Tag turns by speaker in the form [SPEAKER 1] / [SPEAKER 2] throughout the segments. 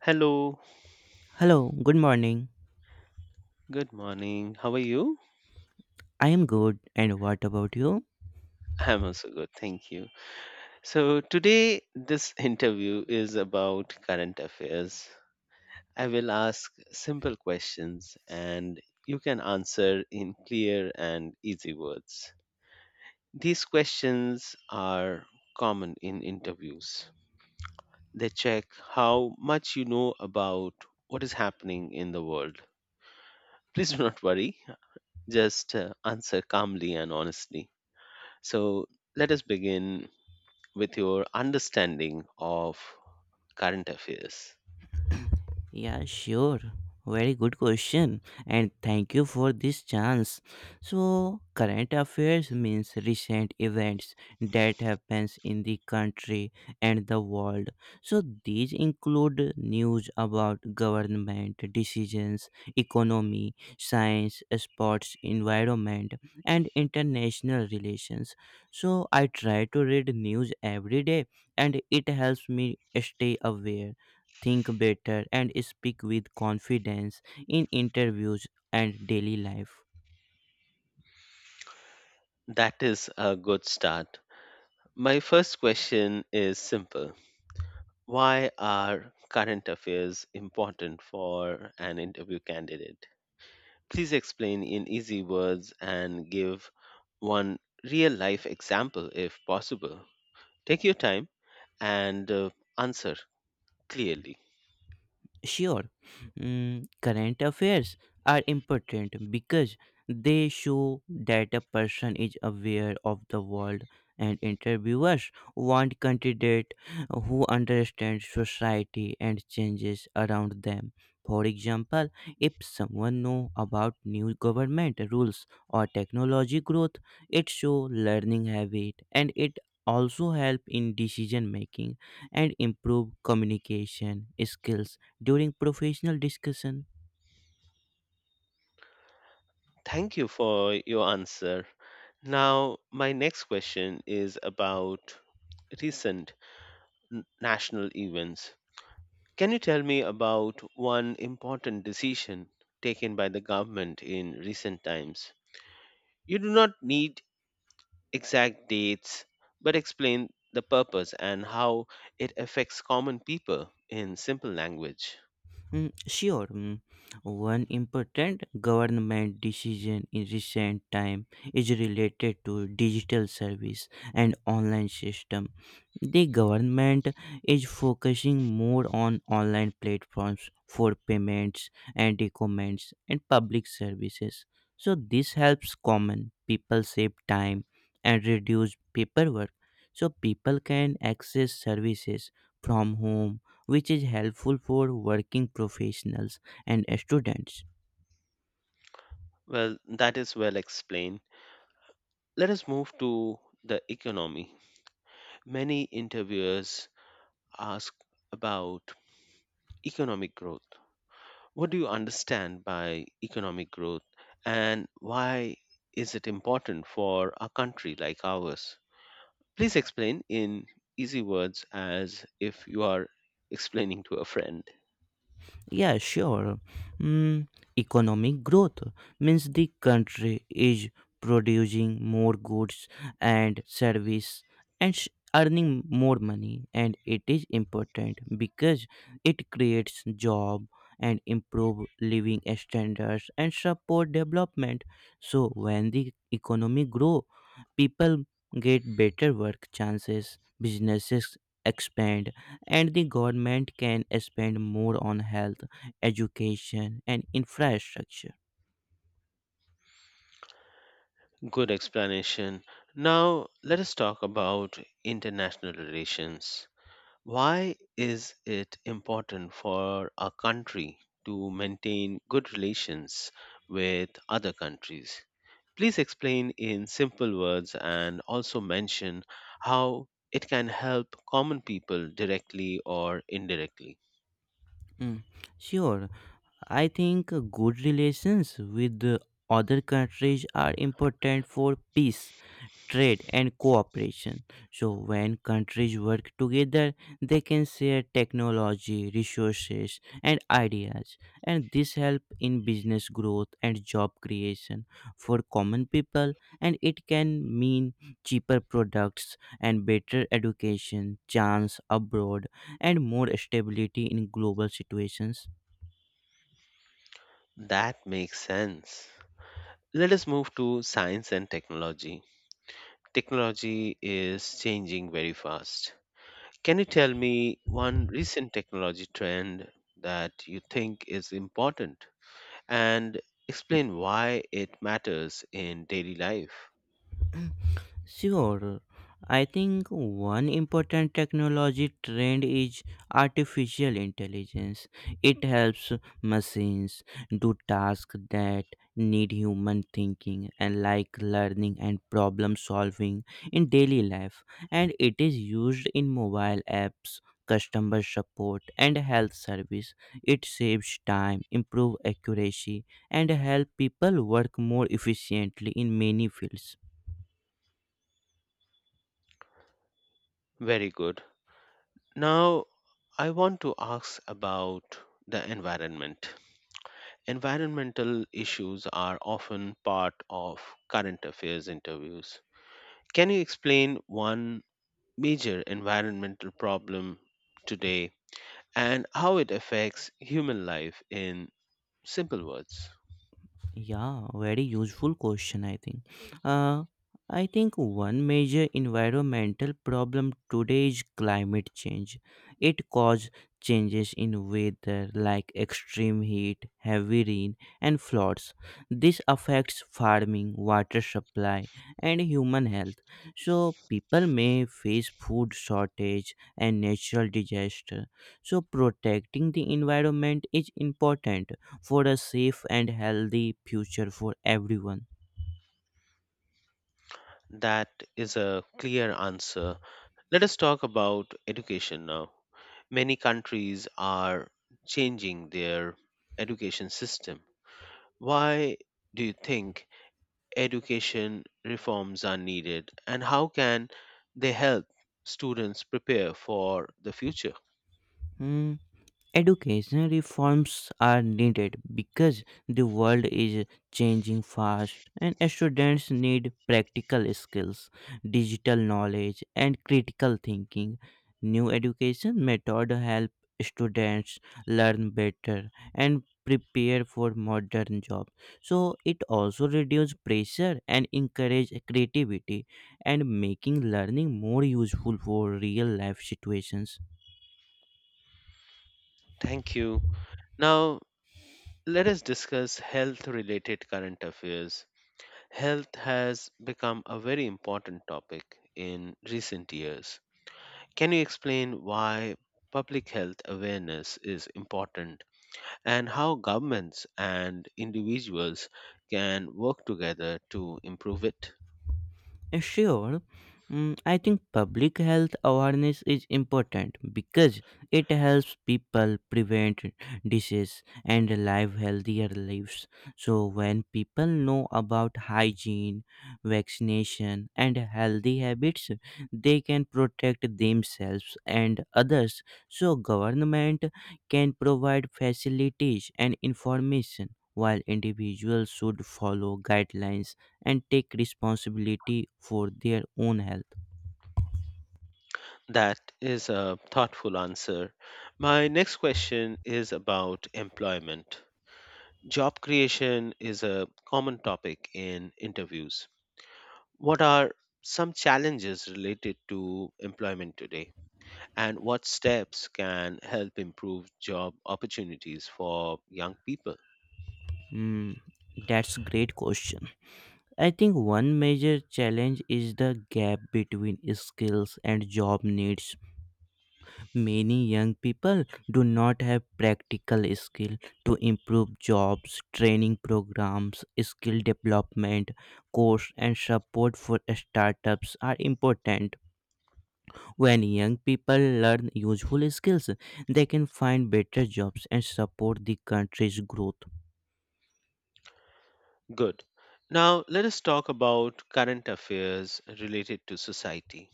[SPEAKER 1] Hello,
[SPEAKER 2] Hello, good morning.
[SPEAKER 1] good morning. How are you?
[SPEAKER 2] I am good, and what about you?
[SPEAKER 1] I'm also good, thank you. So, today this interview is about current affairs. I will ask simple questions and you can answer in clear and easy words. These questions are common in interviews. They check how much you know about what is happening in the world. Please do not worry, just answer calmly and honestly. So, let us begin with your understanding of current affairs.
[SPEAKER 2] Yeah, sure. Very good question. And thank you for this chance. So, current affairs means recent events that happens in the country and the world. So, these include news about government decisions, economy, science, sports, environment, and international relations. So, I try to read news every day and it helps me stay aware think better, and speak with confidence in interviews and daily life.
[SPEAKER 1] That is a good start. My first question is simple. Why are current affairs important for an interview candidate? Please explain in easy words and give one real life example if possible. Take your time and answer clearly.
[SPEAKER 2] Sure, current affairs are important because they show that a person is aware of the world, and interviewers want candidate who understand society and changes around them. For example, if someone know about new government rules or technology growth, it show learning habit and it also help in decision making and improve communication skills during professional discussion.
[SPEAKER 1] Thank you for your answer. Now, my next question is about recent national events. Can you tell me about one important decision taken by the government in recent times? You do not need exact dates, but explain the purpose and how it affects common people in simple language.
[SPEAKER 2] Sure, one important government decision in recent time is related to digital service and online system. The government is focusing more on online platforms for payments and documents and public services. So this helps common people save time and reduce paperwork so people can access services from home which is helpful for working professionals and students.
[SPEAKER 1] Well, that is well explained. Let us move to the economy. Many interviewers ask about economic growth. What do you understand by economic growth and why is it important for a country like ours? Please explain in easy words as if you are explaining to a friend.
[SPEAKER 2] Yeah, sure. Mm, Economic growth means the country is producing more goods and service and earning more money and it is important because it creates job and improve living standards and support development so when the economy grow people get better work chances businesses expand and the government can spend more on health, education, and infrastructure.
[SPEAKER 1] Good explanation. Now, let us talk about international relations. Why is it important for a country to maintain good relations with other countries? Please explain in simple words and also mention how it can help common people directly or indirectly.
[SPEAKER 2] Mm, Sure, I think good relations with the other countries are important for peace trade and cooperation. So, when countries work together, they can share technology, resources, and ideas, and this help in business growth and job creation for common people. And it can mean cheaper products and better education, chance abroad, and more stability in global situations.
[SPEAKER 1] That makes sense. Let us move to science and technology. Technology is changing very fast. Can you tell me one recent technology trend that you think is important and explain why it matters in daily life?
[SPEAKER 2] Sure. I think one important technology trend is artificial intelligence. It helps machines do tasks that need human thinking and like learning and problem solving in daily life. And it is used in mobile apps, customer support, and health service. It saves time, improve accuracy, and help people work more efficiently in many fields.
[SPEAKER 1] Very good. Now I want to ask about the environment. Environmental issues are often part of current affairs interviews. Can you explain one major environmental problem today and how it affects human life in simple words?
[SPEAKER 2] Yeah, very useful question, I think. Uh, I think one major environmental problem today is climate change. It causes changes in weather like extreme heat, heavy rain, and floods. This affects farming, water supply, and human health. So, people may face food shortage and natural disaster. So, protecting the environment is important for a safe and healthy future for everyone.
[SPEAKER 1] That is a clear answer. Let us talk about education now. Many countries are changing their education system. Why do you think education reforms are needed and how can they help students prepare for the future?
[SPEAKER 2] Hmm. Educational reforms are needed because the world is changing fast and students need practical skills, digital knowledge, and critical thinking. New education method help students learn better and prepare for modern jobs. So it also reduce pressure and encourage creativity and making learning more useful for real life situations.
[SPEAKER 1] Thank you. Now, let us discuss health related current affairs. Health has become a very important topic in recent years. Can you explain why public health awareness is important and how governments and individuals can work together to improve it?
[SPEAKER 2] Sure. I think public health awareness is important because it helps people prevent disease and live healthier lives. So, when people know about hygiene, vaccination, and healthy habits, they can protect themselves and others. So, government can provide facilities and information. While individuals should follow guidelines and take responsibility for their own health?
[SPEAKER 1] That is a thoughtful answer. My next question is about employment. Job creation is a common topic in interviews. What are some challenges related to employment today? And what steps can help improve job opportunities for young people?
[SPEAKER 2] Hmm, that's great question. I think one major challenge is the gap between skills and job needs. Many young people do not have practical skill to improve jobs, training programs, skill development, course and support for startups are important When young people learn useful skills, they can find better jobs and support the country's growth.
[SPEAKER 1] Good. Now, let us talk about current affairs related to society.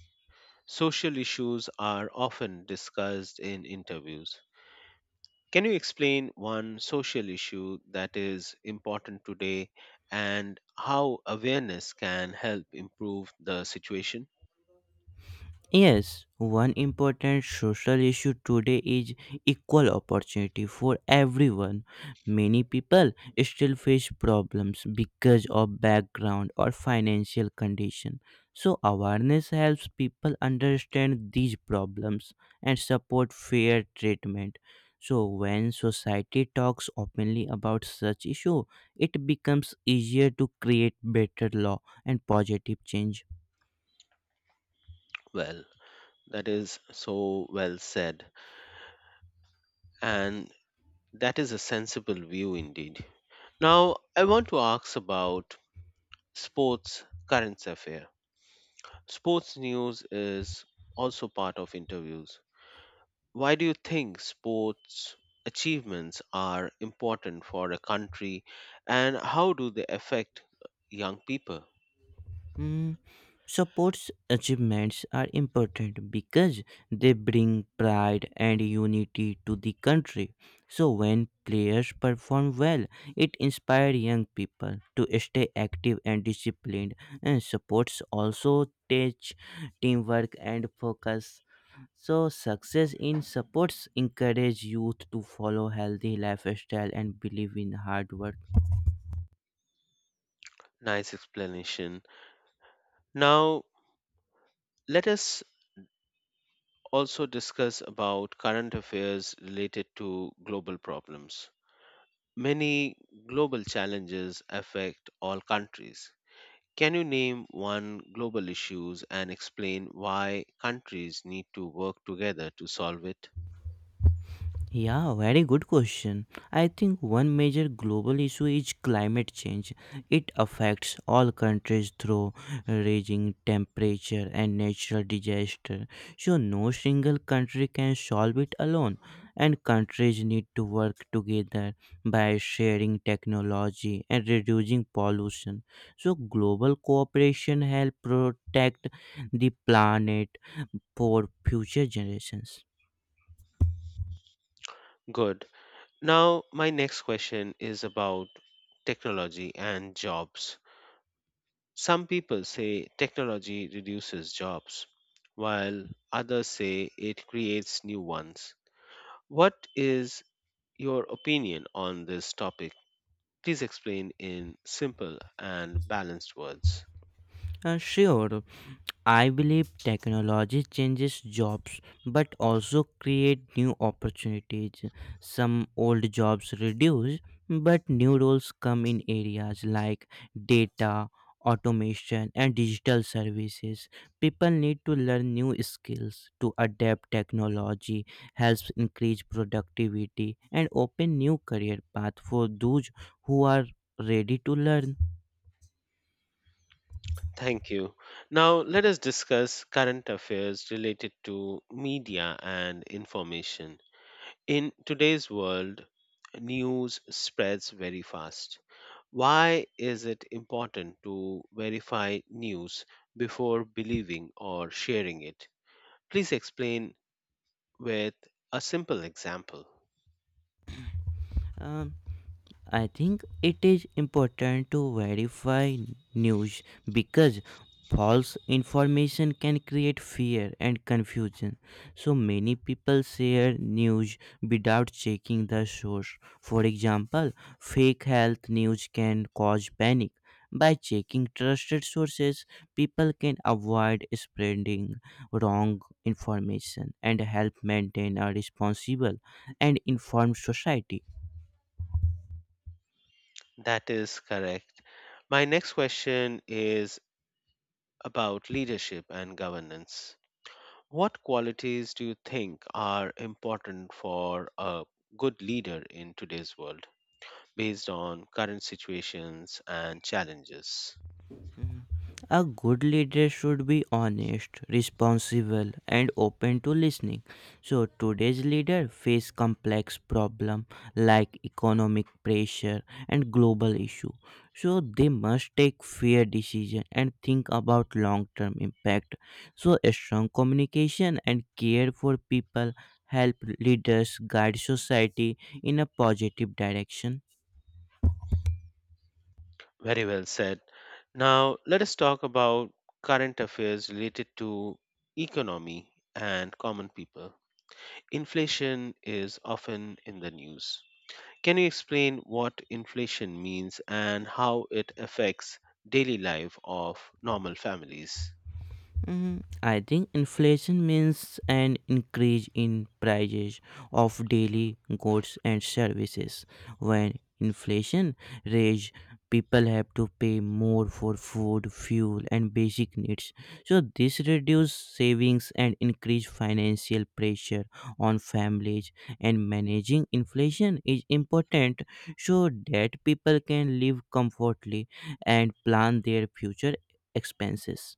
[SPEAKER 1] Social issues are often discussed in interviews. Can you explain one social issue that is important today and how awareness can help improve the situation?
[SPEAKER 2] Yes, one important social issue today is equal opportunity for everyone. Many people still face problems because of background or financial condition. So awareness helps people understand these problems and support fair treatment. So when society talks openly about such issue, it becomes easier to create better law and positive change.
[SPEAKER 1] Well, that is so well said, and that is a sensible view indeed. Now, I want to ask about sports current affair. Sports news is also part of interviews. Why do you think sports achievements are important for a country and how do they affect young people?
[SPEAKER 2] Mm, Sports achievements are important because they bring pride and unity to the country. So, when players perform well, it inspires young people to stay active and disciplined. And sports also teach teamwork and focus. So, success in sports encourage youth to follow healthy lifestyle and believe in hard work.
[SPEAKER 1] Nice explanation. Now, let us also discuss about current affairs related to global problems. Many global challenges affect all countries. Can you name one global issues and explain why countries need to work together to solve it?
[SPEAKER 2] Yeah, very good question. I think one major global issue is climate change. It affects all countries through raging temperature and natural disaster. So no single country can solve it alone. And countries need to work together by sharing technology and reducing pollution. So global cooperation help protect the planet for future generations.
[SPEAKER 1] Good. Now, my next question is about technology and jobs. Some people say technology reduces jobs, while others say it creates new ones. What is your opinion on this topic? Please explain in simple and balanced words.
[SPEAKER 2] Sure, I believe technology changes jobs but also create new opportunities. Some old jobs reduce but new roles come in areas like data, automation and digital services. People need to learn new skills to adapt technology, helps increase productivity and open new career path for those who are ready to learn.
[SPEAKER 1] Thank you. Now, let us discuss current affairs related to media and information. In today's world, news spreads very fast. Why is it important to verify news before believing or sharing it? Please explain with a simple example.
[SPEAKER 2] Um, I think it is important to verify news because false information can create fear and confusion. So many people share news without checking the source. For example, fake health news can cause panic. By checking trusted sources, people can avoid spreading wrong information and help maintain a responsible and informed society.
[SPEAKER 1] That is correct. My next question is about leadership and governance. What qualities do you think are important for a good leader in today's world, based on current situations and challenges?
[SPEAKER 2] A good leader should be honest, responsible, and open to listening. So today's leader face complex problem like economic pressure and global issue. So they must take fair decision and think about long-term impact. So a strong communication and care for people help leaders guide society in a positive direction.
[SPEAKER 1] Very well said. Now, let us talk about current affairs related to economy and common people. Inflation is often in the news. Can you explain what inflation means and how it affects daily life of normal families?
[SPEAKER 2] I think inflation means an increase in prices of daily goods and services. When inflation raises, people have to pay more for food, fuel, and basic needs. So this reduces savings and increase financial pressure on families. And managing inflation is important so that people can live comfortably and plan their future expenses.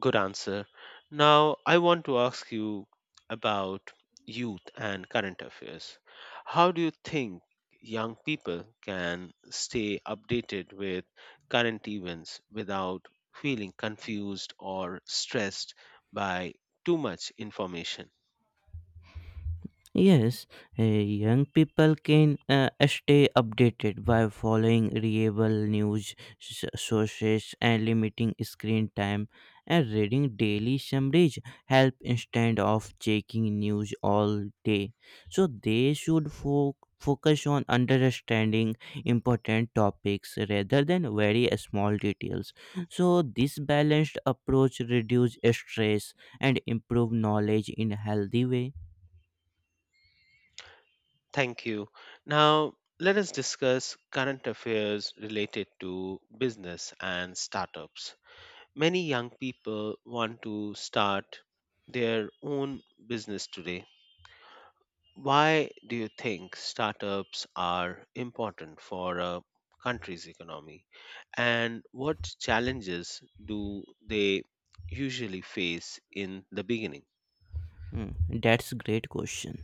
[SPEAKER 1] Good answer. Now, I want to ask you about youth and current affairs. How do you think young people can stay updated with current events without feeling confused or stressed by too much information?
[SPEAKER 2] Yes, young people can stay updated by following reliable news sources and limiting screen time and reading daily summaries help instead of checking news all day. So they should focus on understanding important topics rather than very small details. So this balanced approach reduce stress and improve knowledge in a healthy way.
[SPEAKER 1] Thank you. Now, let us discuss current affairs related to business and startups. Many young people want to start their own business today. Why do you think startups are important for a country's economy? And what challenges do they usually face in the beginning?
[SPEAKER 2] Hmm, that's great question.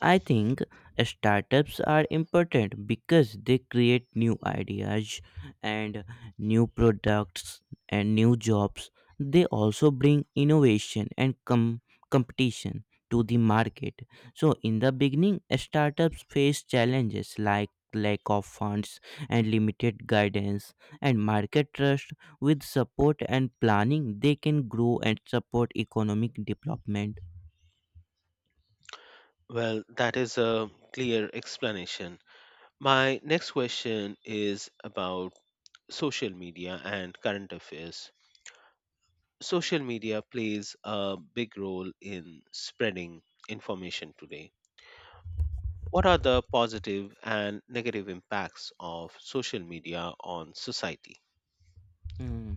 [SPEAKER 2] I think startups are important because they create new ideas and new products and new jobs. They also bring innovation and competition to the market. So in the beginning, startups face challenges like lack of funds and limited guidance and market trust. With support and planning, they can grow and support economic development.
[SPEAKER 1] Well, that is a clear explanation. My next question is about social media and current affairs. Social media plays a big role in spreading information today. What are the positive and negative impacts of social media on society?
[SPEAKER 2] Hmm.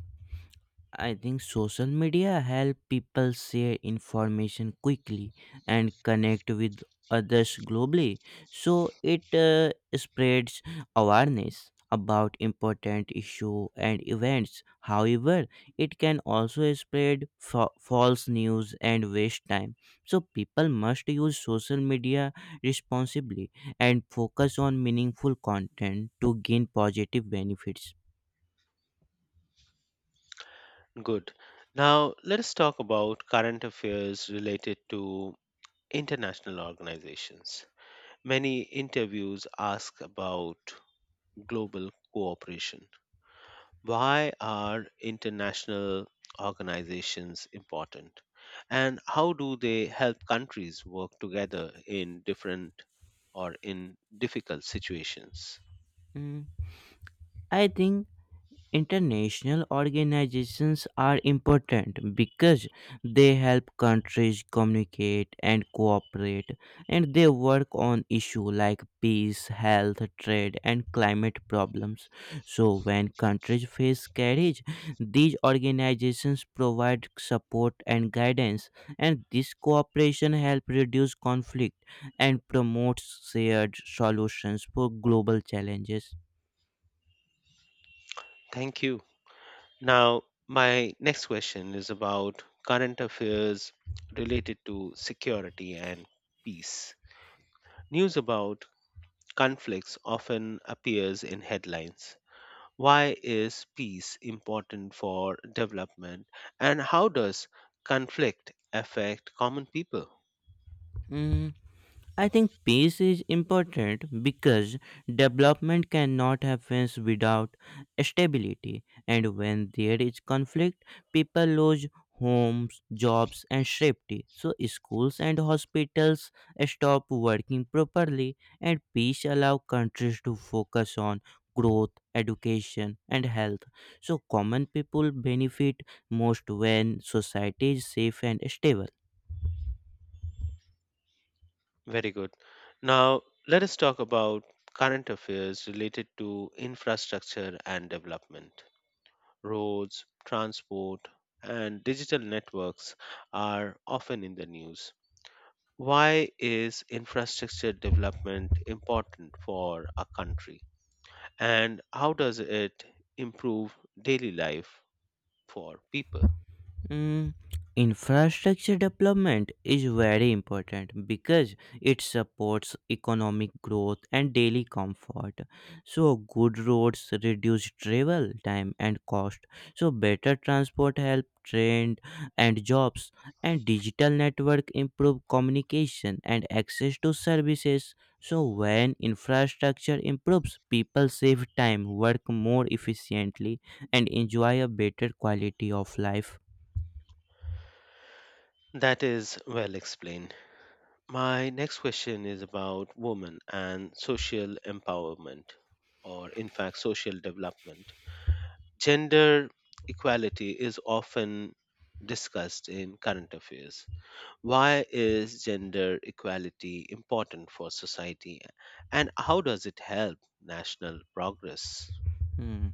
[SPEAKER 2] I think social media help people share information quickly and connect with others globally. So it spreads awareness about important issue and events. However, it can also spread false news and waste time. So people must use social media responsibly and focus on meaningful content to gain positive benefits.
[SPEAKER 1] Good. Now, let us talk about current affairs related to international organizations. Many interviews ask about global cooperation. Why are international organizations important? And how do they help countries work together in different or in difficult situations?
[SPEAKER 2] Mm, I think International organizations are important because they help countries communicate and cooperate, and they work on issues like peace, health, trade, and climate problems. So, when countries face carriage, these organizations provide support and guidance, and this cooperation helps reduce conflict and promotes shared solutions for global challenges.
[SPEAKER 1] Thank you. Now, my next question is about current affairs related to security and peace. News about conflicts often appears in headlines. Why is peace important for development and how does conflict affect common people?
[SPEAKER 2] Mm, I think peace is important because development cannot happen without stability, and when there is conflict, people lose homes, jobs, and safety. So, schools and hospitals stop working properly, and peace allows countries to focus on growth, education, and health. So, common people benefit most when society is safe and stable.
[SPEAKER 1] Very good. Now, let us talk about current affairs related to infrastructure and development. Roads, transport, and digital networks are often in the news. Why is infrastructure development important for a country? And how does it improve daily life for people?
[SPEAKER 2] Mm, Infrastructure development is very important because it supports economic growth and daily comfort. So, good roads reduce travel time and cost. So, better transport help trade and jobs, and digital network improve communication and access to services. So, when infrastructure improves, people save time, work more efficiently, and enjoy a better quality of life.
[SPEAKER 1] That is well explained. My next question is about women and social empowerment, or in fact, social development. Gender equality is often discussed in current affairs. Why is gender equality important for society, and how does it help national progress?
[SPEAKER 2] Hmm,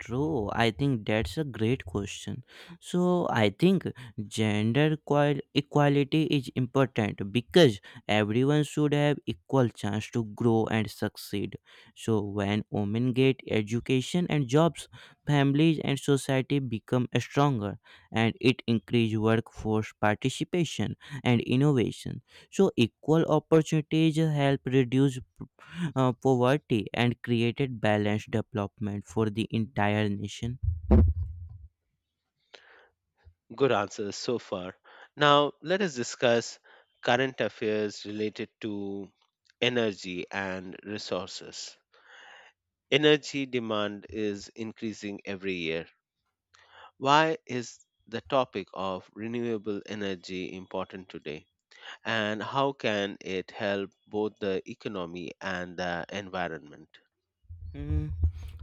[SPEAKER 2] true. I think that's a great question. So I think gender equality is important because everyone should have equal chance to grow and succeed. So when women get education and jobs, families and society become stronger and it increase workforce participation and innovation. So equal opportunities help reduce poverty and created balanced development for the entire nation.
[SPEAKER 1] Good answers so far. Now, let us discuss current affairs related to energy and resources. Energy demand is increasing every year. Why is the topic of renewable energy important today? And how can it help both the economy and the environment?
[SPEAKER 2] Hmm.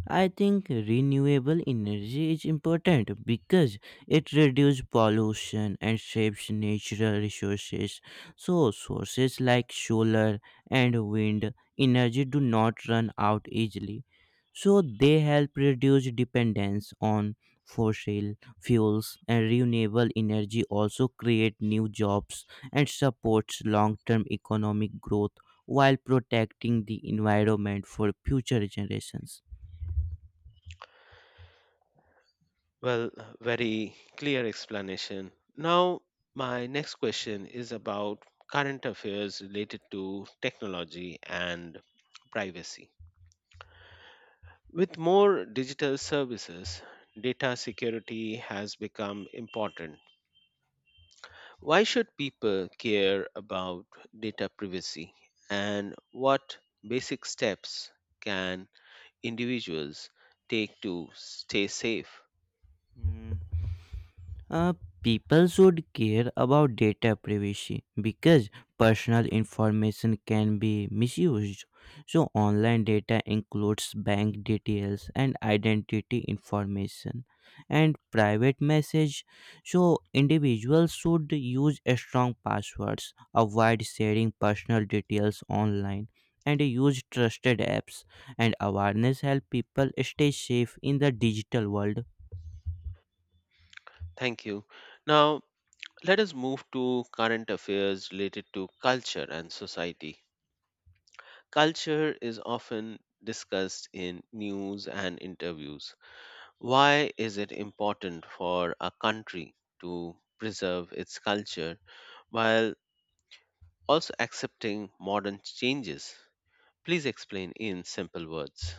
[SPEAKER 2] I think renewable energy is important because it reduces pollution and saves natural resources. So, sources like solar and wind energy do not run out easily. So, they help reduce dependence on fossil fuels and renewable energy also create new jobs and supports long-term economic growth while protecting the environment for future generations.
[SPEAKER 1] Well, very clear explanation. Now, my next question is about current affairs related to technology and privacy. With more digital services, data security has become important. Why should people care about data privacy and what basic steps can individuals take to stay safe?
[SPEAKER 2] Mm. Uh, People should care about data privacy because personal information can be misused. So, online data includes bank details and identity information and private message. So, individuals should use strong passwords, avoid sharing personal details online, and use trusted apps. And awareness help people stay safe in the digital world.
[SPEAKER 1] Thank you. Now, let us move to current affairs related to culture and society. Culture is often discussed in news and interviews. Why is it important for a country to preserve its culture while also accepting modern changes? Please explain in simple words.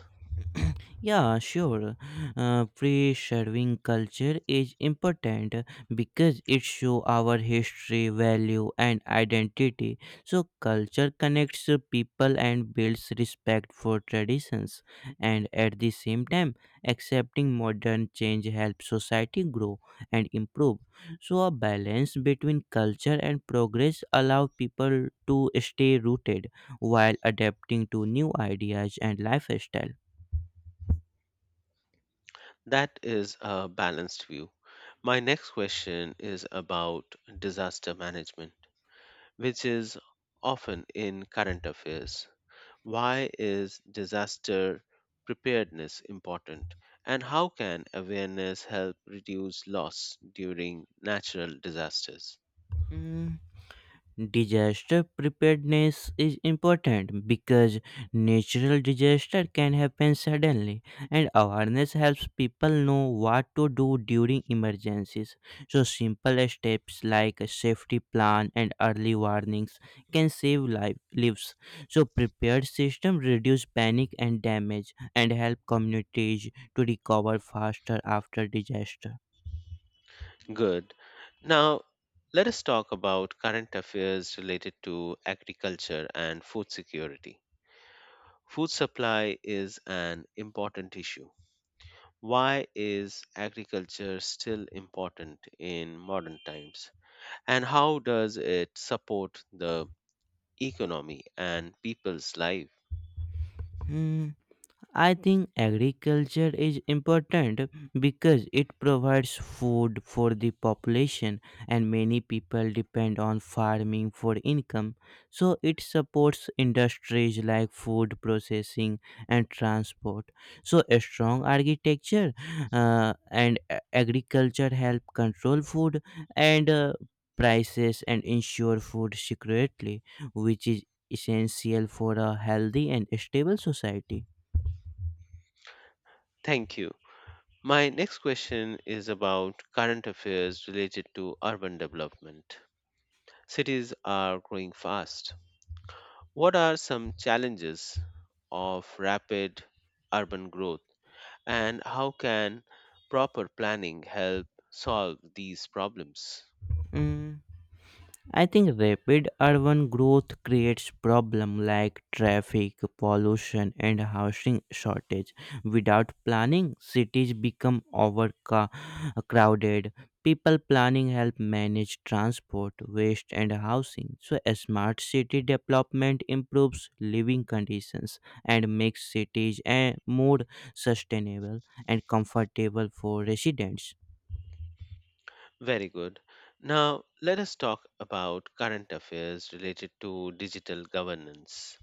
[SPEAKER 2] Yeah, sure. Preserving culture is important because it shows our history, value, and identity. So, culture connects the people and builds respect for traditions. And at the same time, accepting modern change helps society grow and improve. So, a balance between culture and progress allow people to stay rooted while adapting to new ideas and lifestyle.
[SPEAKER 1] That is a balanced view. My next question is about disaster management, which is often in current affairs. Why is disaster preparedness important? And how can awareness help reduce loss during natural disasters?
[SPEAKER 2] Mm, Disaster preparedness is important because natural disaster can happen suddenly, and awareness helps people know what to do during emergencies. So, simple steps like a safety plan and early warnings can save life, lives. So, prepared system reduce panic and damage and help communities to recover faster after disaster.
[SPEAKER 1] Good. Now, let us talk about current affairs related to agriculture and food security. Food supply is an important issue. Why is agriculture still important in modern times? And how does it support the economy and people's lives?
[SPEAKER 2] Hmm. I think agriculture is important because it provides food for the population and many people depend on farming for income. So it supports industries like food processing and transport. So a strong architecture and agriculture help control food and prices and ensure food security, which is essential for a healthy and stable society.
[SPEAKER 1] Thank you. My next question is about current affairs related to urban development. Cities are growing fast. What are some challenges of rapid urban growth, and how can proper planning help solve these problems?
[SPEAKER 2] Mm, I think rapid urban growth creates problems like traffic, pollution, and housing shortage. Without planning, cities become overcrowded. People planning help manage transport, waste, and housing. So, a smart city development improves living conditions and makes cities more sustainable and comfortable for residents.
[SPEAKER 1] Very good. Now, let us talk about current affairs related to digital governance.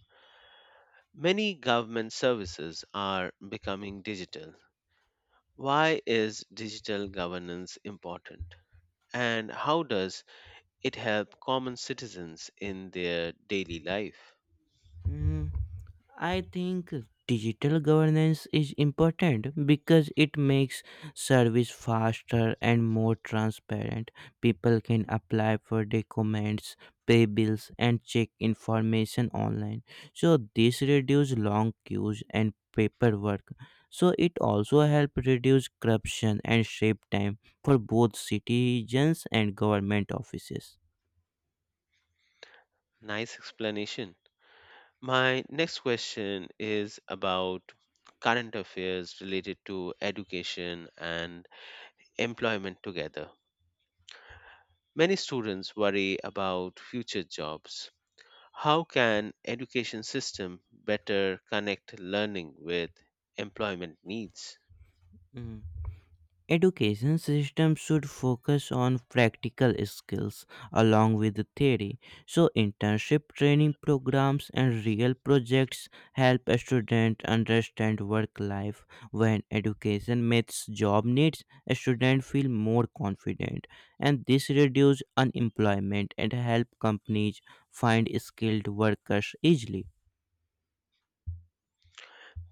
[SPEAKER 1] Many government services are becoming digital. Why is digital governance important? And how does it help common citizens in their daily life?
[SPEAKER 2] Mm. I think digital governance is important because it makes service faster and more transparent. People can apply for documents, pay bills, and check information online. So this reduces long queues and paperwork. So it also helps reduce corruption and save time for both citizens and government offices.
[SPEAKER 1] Nice explanation. My next question is about current affairs related to education and employment together. Many students worry about future jobs. How can education system better connect learning with employment needs?
[SPEAKER 2] Education system should focus on practical skills along with the theory. So internship training programs and real projects help a student understand work life. When education meets job needs, a student feel more confident and this reduce unemployment and help companies find skilled workers easily.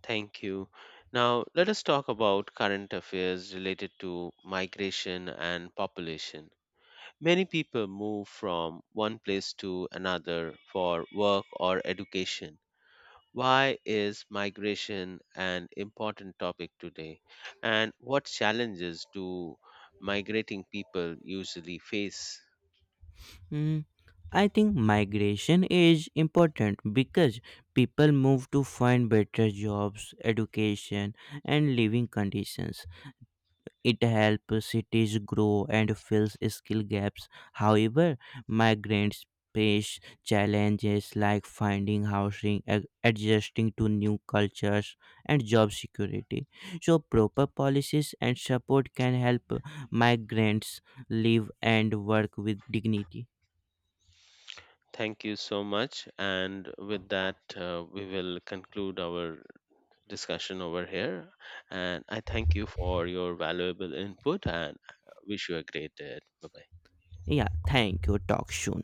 [SPEAKER 1] Thank you. Now, let us talk about current affairs related to migration and population. Many people move from one place to another for work or education. Why is migration an important topic today? And what challenges do migrating people usually face?
[SPEAKER 2] Mm, I think migration is important because people move to find better jobs, education, and living conditions. It helps cities grow and fills skill gaps. However, migrants face challenges like finding housing, adjusting to new cultures, and job security. So, proper policies and support can help migrants live and work with dignity.
[SPEAKER 1] Thank you so much. And with that, we will conclude our discussion over here. And I thank you for your valuable input and wish you a great day. Bye bye.
[SPEAKER 2] Yeah, thank you. Talk soon.